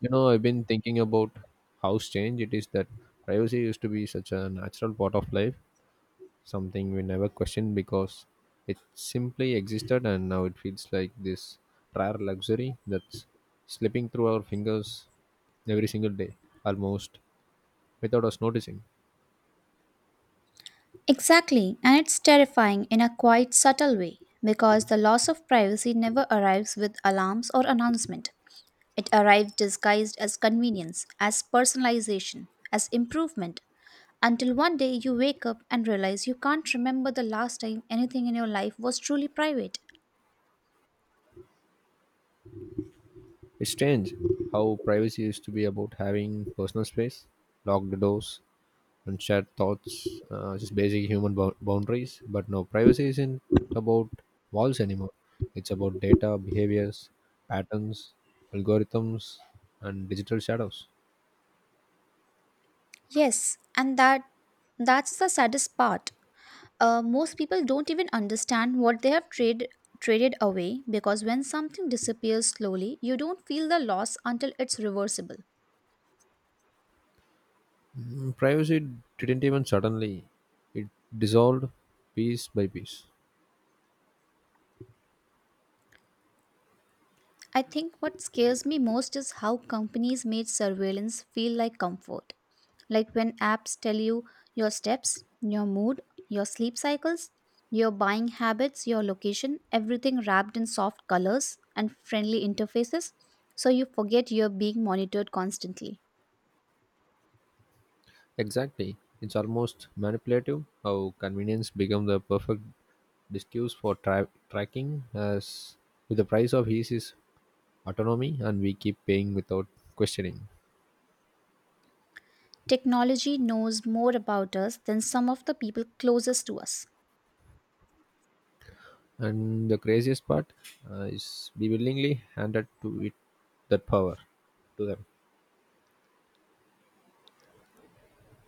You know, I've been thinking about how strange it is that privacy used to be such a natural part of life, something we never questioned because it simply existed, and now it feels like this rare luxury that's slipping through our fingers every single day, almost without us noticing. Exactly, and it's terrifying in a quite subtle way because the loss of privacy never arrives with alarms or announcement. It arrives disguised as convenience, as personalization, as improvement, until one day you wake up and realize you can't remember the last time anything in your life was truly private. It's strange how privacy used to be about having personal space, locked doors, and shared thoughts, just basic human boundaries. But no, privacy isn't about walls anymore. It's about data, behaviors, patterns, algorithms, and digital shadows. Yes, and that's the saddest part, most people don't even understand what they have traded away because when something disappears slowly, you don't feel the loss until it's reversible. Mm, privacy didn't even suddenly, it dissolved piece by piece. I think what scares me most is how companies made surveillance feel like comfort. Like when apps tell you your steps, your mood, your sleep cycles, your buying habits, your location, everything wrapped in soft colors and friendly interfaces, so you forget you're being monitored constantly. Exactly. It's almost manipulative how convenience become the perfect discussed for tracking as with the price of ease is autonomy, and we keep paying without questioning. Technology knows more about us than some of the people closest to us. And the craziest part, is we willingly handed to it that power to them.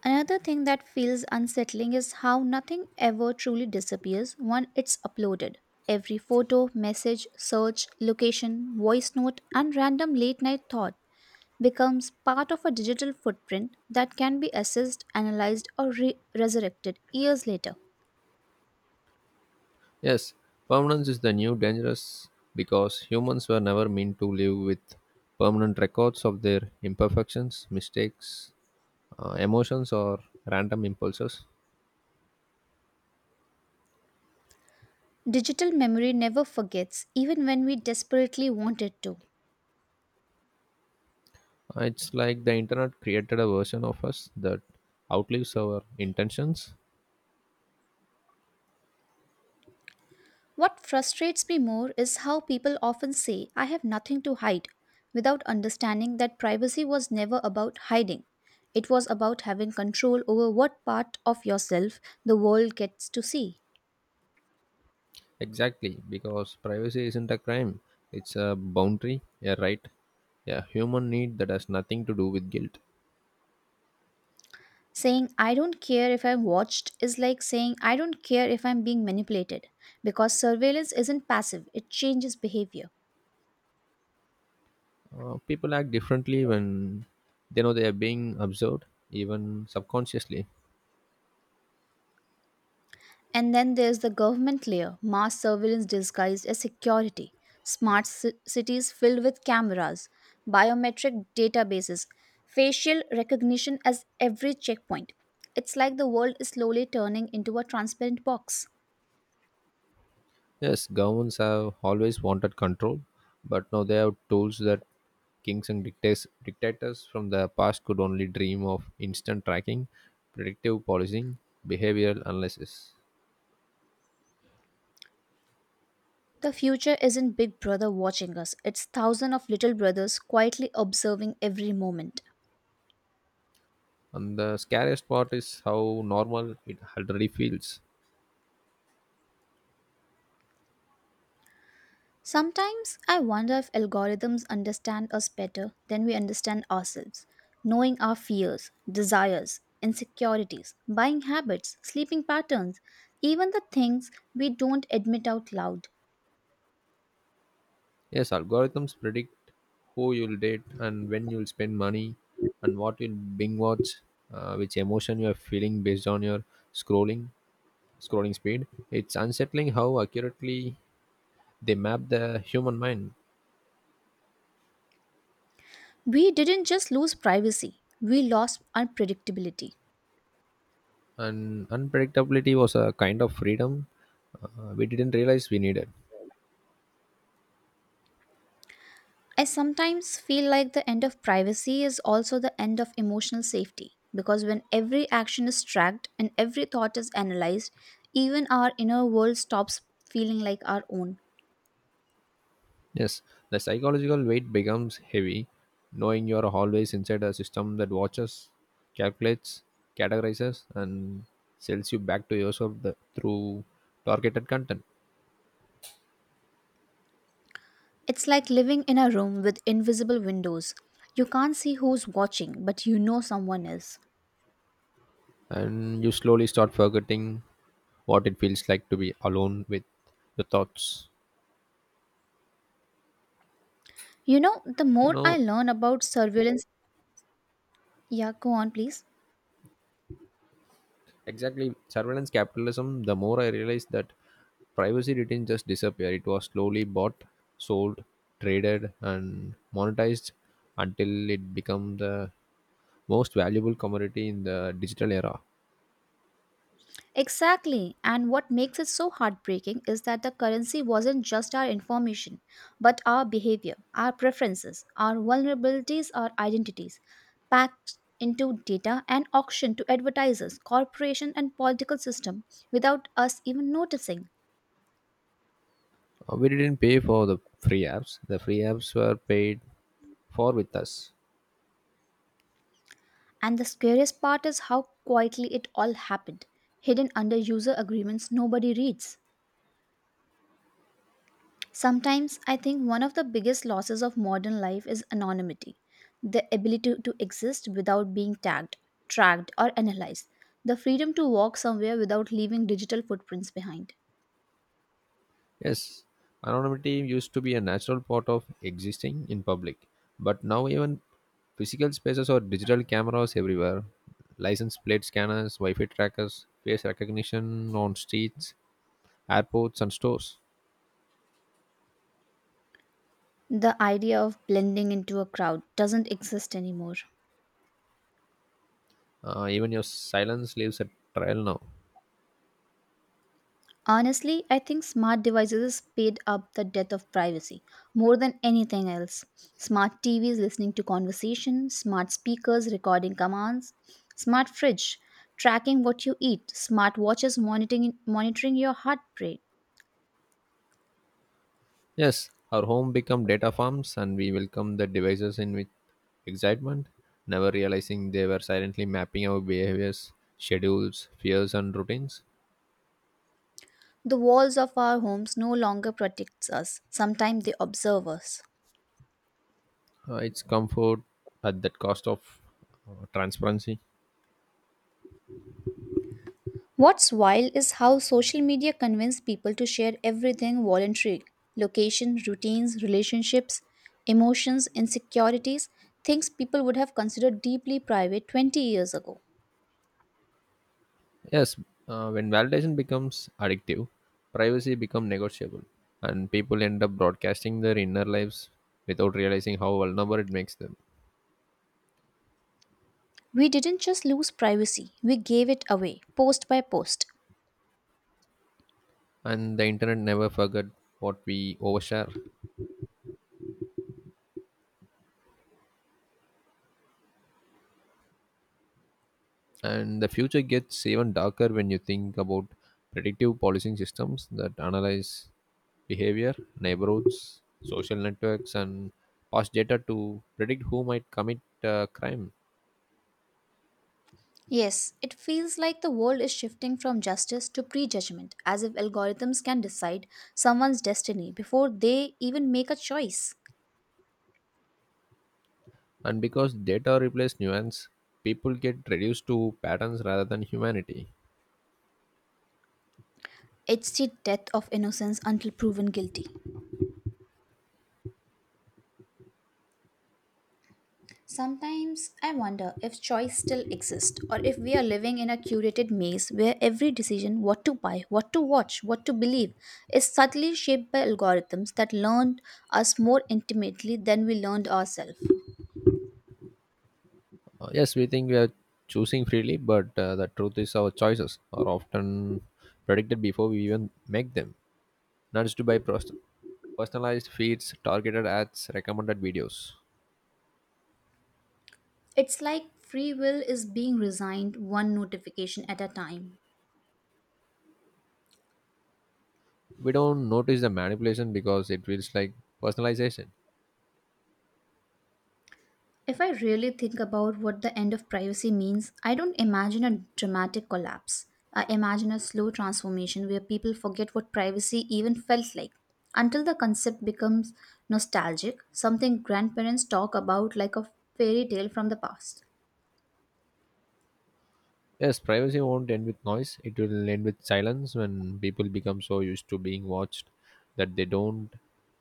Another thing that feels unsettling is how nothing ever truly disappears when it's uploaded. Every photo, message, search, location, voice note, and random late night thought becomes part of a digital footprint that can be assessed, analyzed, or resurrected years later. Yes, permanence is the new dangerous, because humans were never meant to live with permanent records of their imperfections, mistakes, emotions, or random impulses. Digital memory never forgets, even when we desperately want it to. It's like the internet created a version of us that outlives our intentions. What frustrates me more is how people often say, I have nothing to hide, without understanding that privacy was never about hiding. It was about having control over what part of yourself the world gets to see. Exactly, because privacy isn't a crime. It's a boundary, a right, a human need that has nothing to do with guilt. Saying, I don't care if I'm watched is like saying, I don't care if I'm being manipulated, because surveillance isn't passive, it changes behavior. People act differently when they know they are being observed, even subconsciously. And then there's the government layer mass surveillance disguised as security, smart cities filled with cameras, biometric databases, facial recognition as every checkpoint. It's like the world is slowly turning into a transparent box. Yes, governments have always wanted control, but now they have tools that kings and dictators from the past could only dream of, instant tracking, predictive policing, behavioral analysis. The future isn't Big Brother watching us, it's thousands of little brothers quietly observing every moment. And the scariest part is how normal it already feels. Sometimes I wonder if algorithms understand us better than we understand ourselves, knowing our fears, desires, insecurities, buying habits, sleeping patterns, even the things we don't admit out loud. Yes, algorithms predict who you'll date and when you'll spend money and what you'll bing watch, which emotion you are feeling based on your scrolling scrolling speed. It's unsettling how accurately they map the human mind. We didn't just lose privacy, we lost unpredictability. And unpredictability was a kind of freedom, we didn't realize we needed. I sometimes feel like the end of privacy is also the end of emotional safety because when every action is tracked and every thought is analyzed, even our inner world stops feeling like our own. Yes, the psychological weight becomes heavy, knowing you are always inside a system that watches, calculates, categorizes, and sells you back to yourself through targeted content. It's like living in a room with invisible windows. You can't see who's watching, but you know someone is. And you slowly start forgetting what it feels like to be alone with your thoughts. You know, the You more I know, learn about surveillance, yeah, go on, please. exactly. Surveillance capitalism, the more I realized that privacy didn't just disappear. It was slowly bought, sold, traded, and monetized until it became the most valuable commodity in the digital era. Exactly. And what makes it so heartbreaking is that the currency wasn't just our information, but our behavior, our preferences, our vulnerabilities, our identities, packed into data and auctioned to advertisers, corporations, and political system without us even noticing. We didn't pay for the free apps were paid for with us. And the scariest part is how quietly it all happened, hidden under user agreements nobody reads. Sometimes I think one of the biggest losses of modern life is anonymity, the ability to exist without being tagged, tracked, or analyzed, the freedom to walk somewhere without leaving digital footprints behind. Yes, anonymity used to be a natural part of existing in public, but now even physical spaces or digital cameras everywhere, license plate scanners, Wi Fi trackers, face recognition on streets, airports, and stores. The idea of blending into a crowd doesn't exist anymore. Even your silence leaves a trail now. Honestly, I think smart devices speed up the death of privacy more than anything else. Smart TVs listening to conversation, smart speakers recording commands, smart fridge tracking what you eat, smart watches monitoring your heart rate. Yes, our home become data farms, and we welcome the devices in with excitement, never realizing they were silently mapping our behaviors, schedules, fears, and routines. The walls of our homes no longer protects us. Sometimes they observe us. Its comfort at that cost of transparency. What's wild is how social media convince people to share everything voluntarily location, routines, relationships, emotions, insecurities, things people would have considered deeply private 20 years ago. Yes, when validation becomes addictive, privacy becomes negotiable, and people end up broadcasting their inner lives without realizing how vulnerable it makes them. We didn't just lose privacy, we gave it away, post by post. And the internet never forgot what we overshare. And the future gets even darker when you think about predictive policing systems that analyze behavior, neighborhoods, social networks, and past data to predict who might commit crime. Yes, it feels like the world is shifting from justice to prejudgment, as if algorithms can decide someone's destiny before they even make a choice. And because data replaces nuance, people get reduced to patterns rather than humanity. It's the death of innocence until proven guilty. Sometimes I wonder if choice still exists or if we are living in a curated maze where every decision what to buy, what to watch, what to believe is subtly shaped by algorithms that learned us more intimately than we learned ourselves. Yes, we think we are choosing freely, but the truth is our choices are often predicted before we even make them. Nudged by personalized feeds, targeted ads, recommended videos. It's like free will is being resigned one notification at a time. We don't notice the manipulation because it feels like personalization. If I really think about what the end of privacy means, I don't imagine a dramatic collapse. I imagine a slow transformation where people forget what privacy even felt like. Until the concept becomes nostalgic, something grandparents talk about like a fairy tale from the past. Yes, privacy won't end with noise. It will end with silence when people become so used to being watched that they don't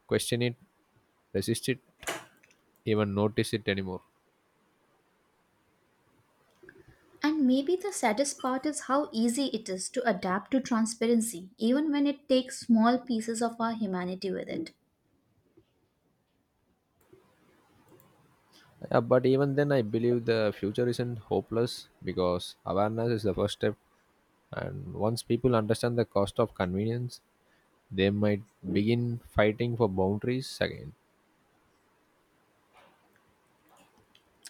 question it, resist it, even notice it anymore. And maybe the saddest part is how easy it is to adapt to transparency, even when it takes small pieces of our humanity with it. Yeah, but even then, I believe the future isn't hopeless because awareness is the first step. And once people understand the cost of convenience, they might begin fighting for boundaries again.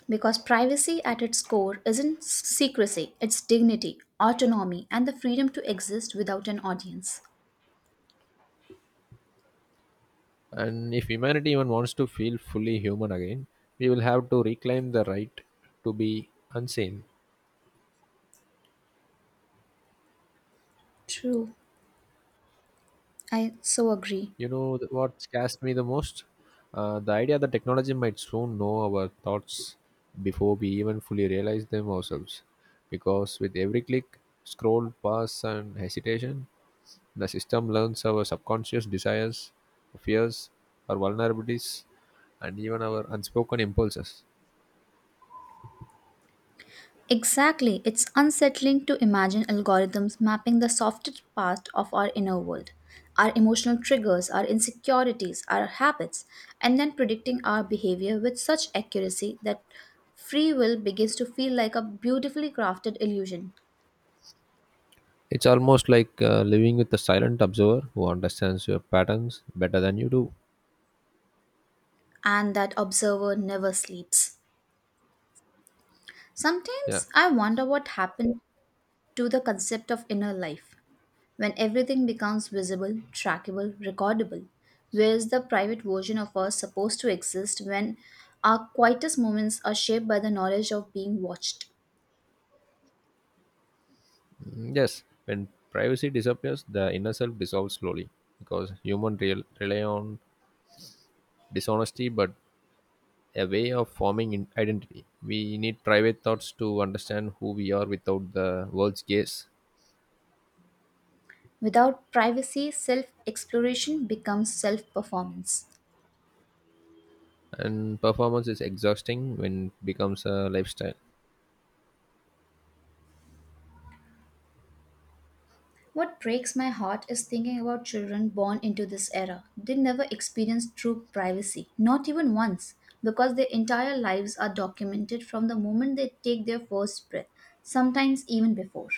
Because privacy at its core isn't secrecy, it's dignity, autonomy, and the freedom to exist without an audience. And if humanity even wants to feel fully human again, we will have to reclaim the right to be unseen. True, I so agree. You know what scares me the most? The idea that technology might soon know our thoughts before we even fully realize them ourselves. Because with every click, scroll, pass, and hesitation, the system learns our subconscious desires, fears, our vulnerabilities, and even our unspoken impulses. Exactly, it's unsettling to imagine algorithms mapping the softest part of our inner world, our emotional triggers, our insecurities, our habits, and then predicting our behavior with such accuracy that free will begins to feel like a beautifully crafted illusion, It's almost like living with a silent observer who understands your patterns better than you do. and that observer never sleeps. Yeah. Sometimes I wonder what happened to the concept of inner life. When everything becomes visible, trackable, recordable, where is the private version of us supposed to exist when our quietest moments are shaped by the knowledge of being watched? Mm, yes, when privacy disappears, the inner self dissolves slowly because rely on dishonesty, but a way of forming in identity. We need private thoughts to understand who we are without the world's gaze. Without privacy, self exploration becomes self performance. And performance is exhausting when it becomes a lifestyle. What breaks my heart is thinking about children born into this era. They never experience true privacy, not even once, because their entire lives are documented from the moment they take their first breath, sometimes even before.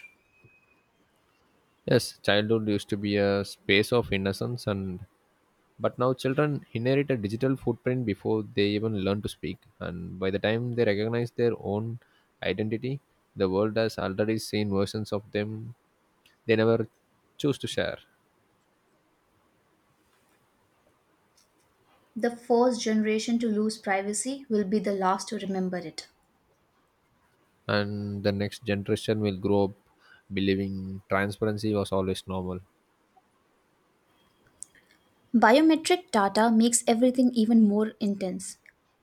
Yes, childhood used to be a space of innocence and but now children inherit a digital footprint before they even learn to speak, and by the time they recognize their own identity, the world has already seen versions of them they never choose to share. The first generation to lose privacy will be the last to remember it. And the next generation will grow up believing transparency was always normal. Biometric data makes everything even more intense.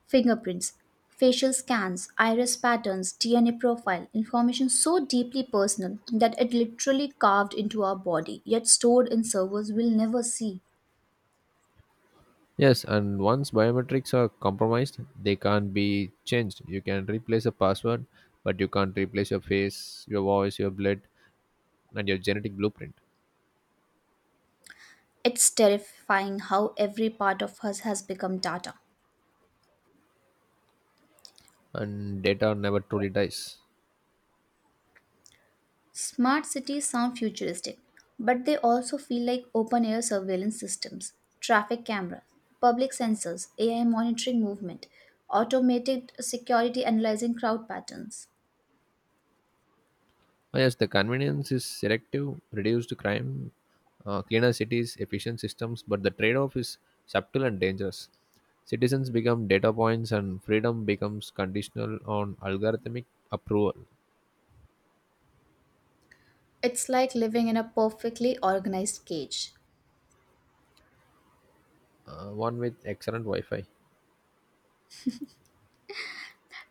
Fingerprints, facial scans, iris patterns, DNA profile, information so deeply personal that it literally carved into our body, yet stored in servers we'll never see. Yes, and once biometrics are compromised, they can't be changed. You can replace a password, but you can't replace your face, your voice, your blood, and your genetic blueprint. It's terrifying how every part of us has become data. And data never truly dies. Smart cities sound futuristic, but they also feel like open air surveillance systems, traffic cameras, public sensors, AI monitoring movement, automated security analyzing crowd patterns. Oh, yes, the convenience is selective, reduced crime, cleaner cities, efficient systems, but the trade off is subtle and dangerous. Citizens become data points, and freedom becomes conditional on algorithmic approval. It's like living in a perfectly organized cage. One with excellent Wi Fi.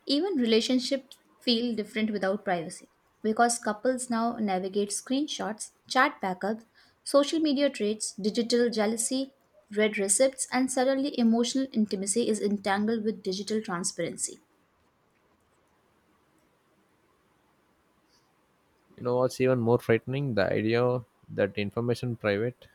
Even relationships feel different without privacy because couples now navigate screenshots, chat backups, social media traits, digital jealousy, red receipts, and suddenly emotional intimacy is entangled with digital transparency. You know what's even more frightening? The idea that information private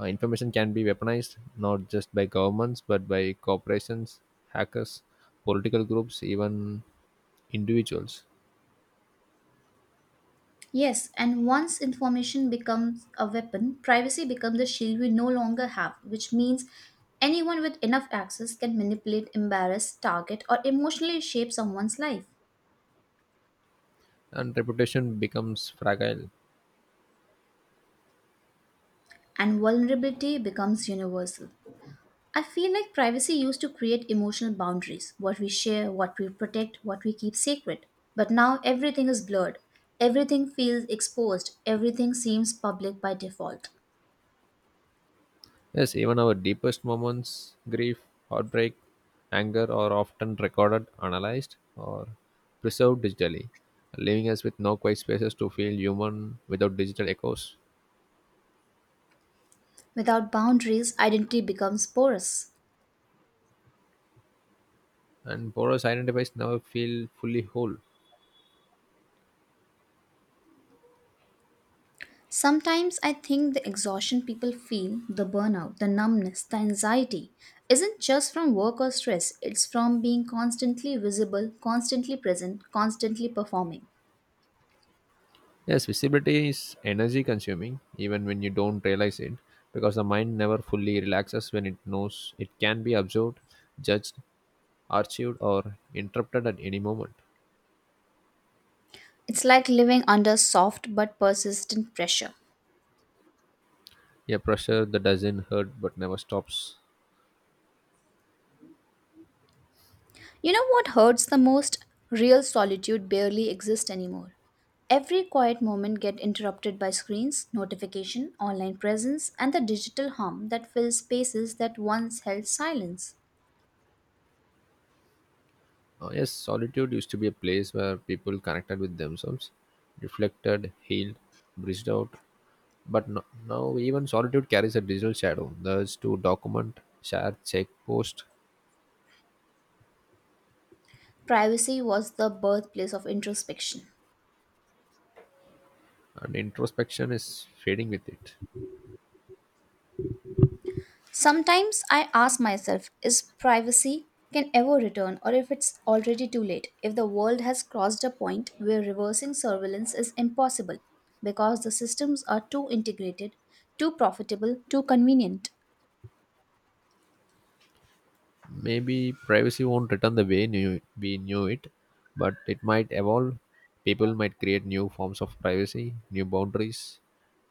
uh, information can be weaponized, not just by governments but by corporations, hackers, political groups, even individuals, Yes, and once information becomes a weapon, privacy becomes a shield we no longer have, which means anyone with enough access can manipulate, embarrass, target, or emotionally shape someone's life. and reputation becomes fragile. And vulnerability becomes universal. I feel like privacy used to create emotional boundaries what we share, what we protect, what we keep sacred. But now everything is blurred. Everything feels exposed. Everything seems public by default. Yes, even our deepest moments, grief, heartbreak, anger, are often recorded, analyzed, or preserved digitally, leaving us with no quiet spaces to feel human without digital echoes. Without boundaries, identity becomes porous. And porous identifies never feel fully whole. Sometimes I think the exhaustion people feel, the burnout, the numbness, the anxiety, isn't just from work or stress, it's from being constantly visible, constantly present, constantly performing. Yes, visibility is energy consuming, even when you don't realize it, because the mind never fully relaxes when it knows it can be observed, judged, archived, or interrupted at any moment. It's like living under soft but persistent pressure. A pressure that doesn't hurt but never stops. You know what hurts the most? Real solitude barely exists anymore. Every quiet moment gets interrupted by screens, notification, online presence, and the digital hum that fills spaces that once held silence. Yes, solitude used to be a place where people connected with themselves, reflected, healed, breathed out. But no, now even solitude carries a digital shadow. The urge to document, share, check, post, Privacy was the birthplace of introspection. and introspection is fading with it. Sometimes I ask myself is privacy can ever return or if it's already too late if the world has crossed a point where reversing surveillance is impossible because the systems are too integrated too profitable too convenient. Maybe privacy won't return the way we knew it, but it might evolve. People might create new forms of privacy, new boundaries,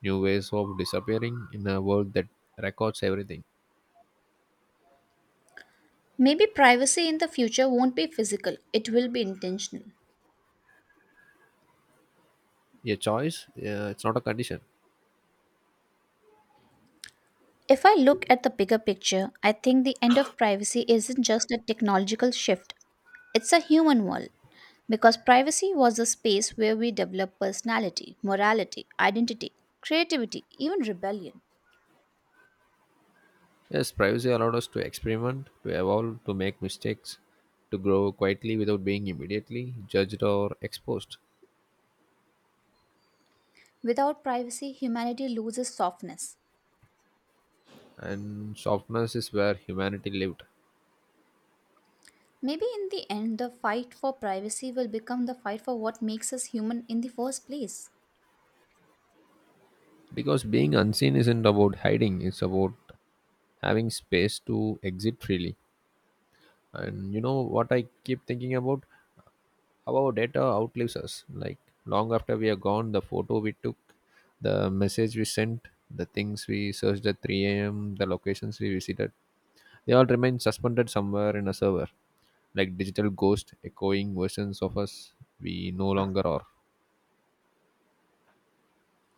new ways of disappearing in a world that records everything. Maybe privacy in the future won't be physical, it will be intentional. A choice, it's not a condition. If I look at the bigger picture I think the end of privacy isn't just a technological shift. It's a human world, because privacy was a space where we develop personality, morality, identity, creativity, even rebellion. Yes, privacy allowed us to experiment, to evolve, to make mistakes, to grow quietly without being immediately judged or exposed. Without privacy, humanity loses softness. And softness is where humanity lived. Maybe in the end, the fight for privacy will become the fight for what makes us human in the first place. Because being unseen isn't about hiding, it's about having space to exit freely. And you know what I keep thinking about? How our data outlives us. Like long after we are gone, the photo we took, the message we sent, the things we searched at 3 a.m., the locations we visited, they all remain suspended somewhere in a server, like digital ghosts echoing versions of us we no longer are.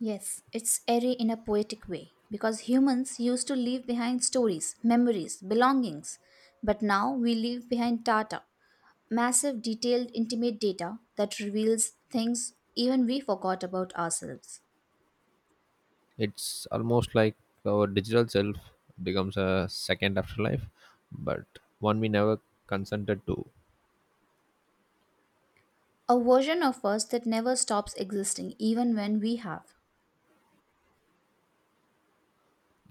Yes, it's airy in a poetic way because humans used to leave behind stories, memories, belongings, but now we leave behind data, massive, detailed, intimate data that reveals things even we forgot about ourselves. It's almost like our digital self becomes a second afterlife, but one we never consented to. A version of us that never stops existing, even when we have.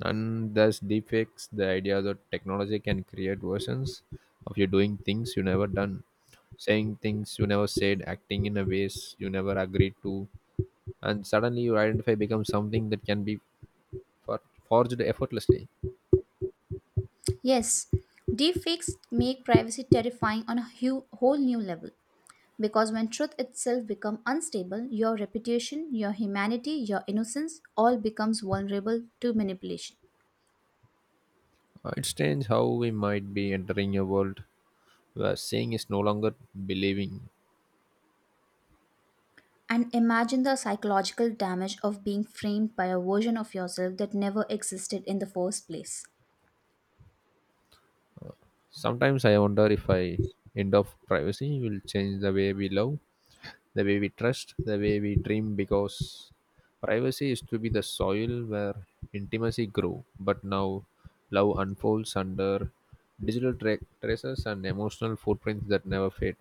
And there's deepfakes, the idea that technology can create versions of you doing things you never done, saying things you never said, acting in a ways you never agreed to, and suddenly your identify becomes something that can be for- forged effortlessly. Yes, deepfakes make privacy terrifying on a whole new level. Because when truth itself becomes unstable, your reputation, your humanity, your innocence all becomes vulnerable to manipulation. It's strange how we might be entering a world where seeing is no longer believing. And imagine the psychological damage of being framed by a version of yourself that never existed in the first place. Sometimes I wonder if I end of privacy will change the way we love, the way we trust, the way we dream, because privacy is to be the soil where intimacy grew, but now love unfolds under digital traces and emotional footprints that never fade.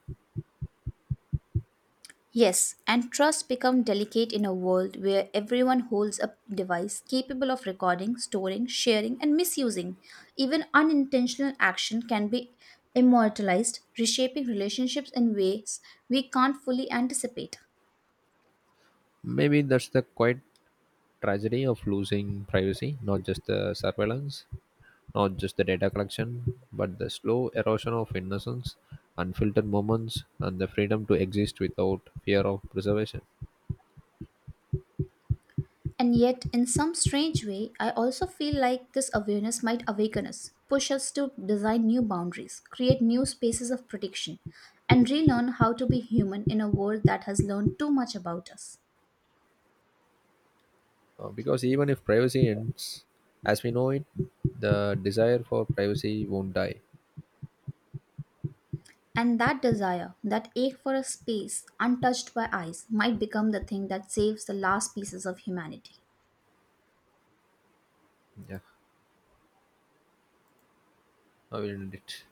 Yes, and trust become delicate in a world where everyone holds a device capable of recording, storing, sharing, and misusing. Even unintentional action can be immortalized, reshaping relationships in ways we can't fully anticipate. Maybe that's the quite tragedy of losing privacy, not just the surveillance. Not just the data collection, but the slow erosion of innocence, unfiltered moments, and the freedom to exist without fear of preservation. And yet, in some strange way, I also feel like this awareness might awaken us, push us to design new boundaries, create new spaces of protection, and relearn how to be human in a world that has learned too much about us. Because even if privacy ends as we know it, the desire for privacy won't die. And that desire, that ache for a space untouched by eyes, might become the thing that saves the last pieces of humanity. Yeah, I will end it.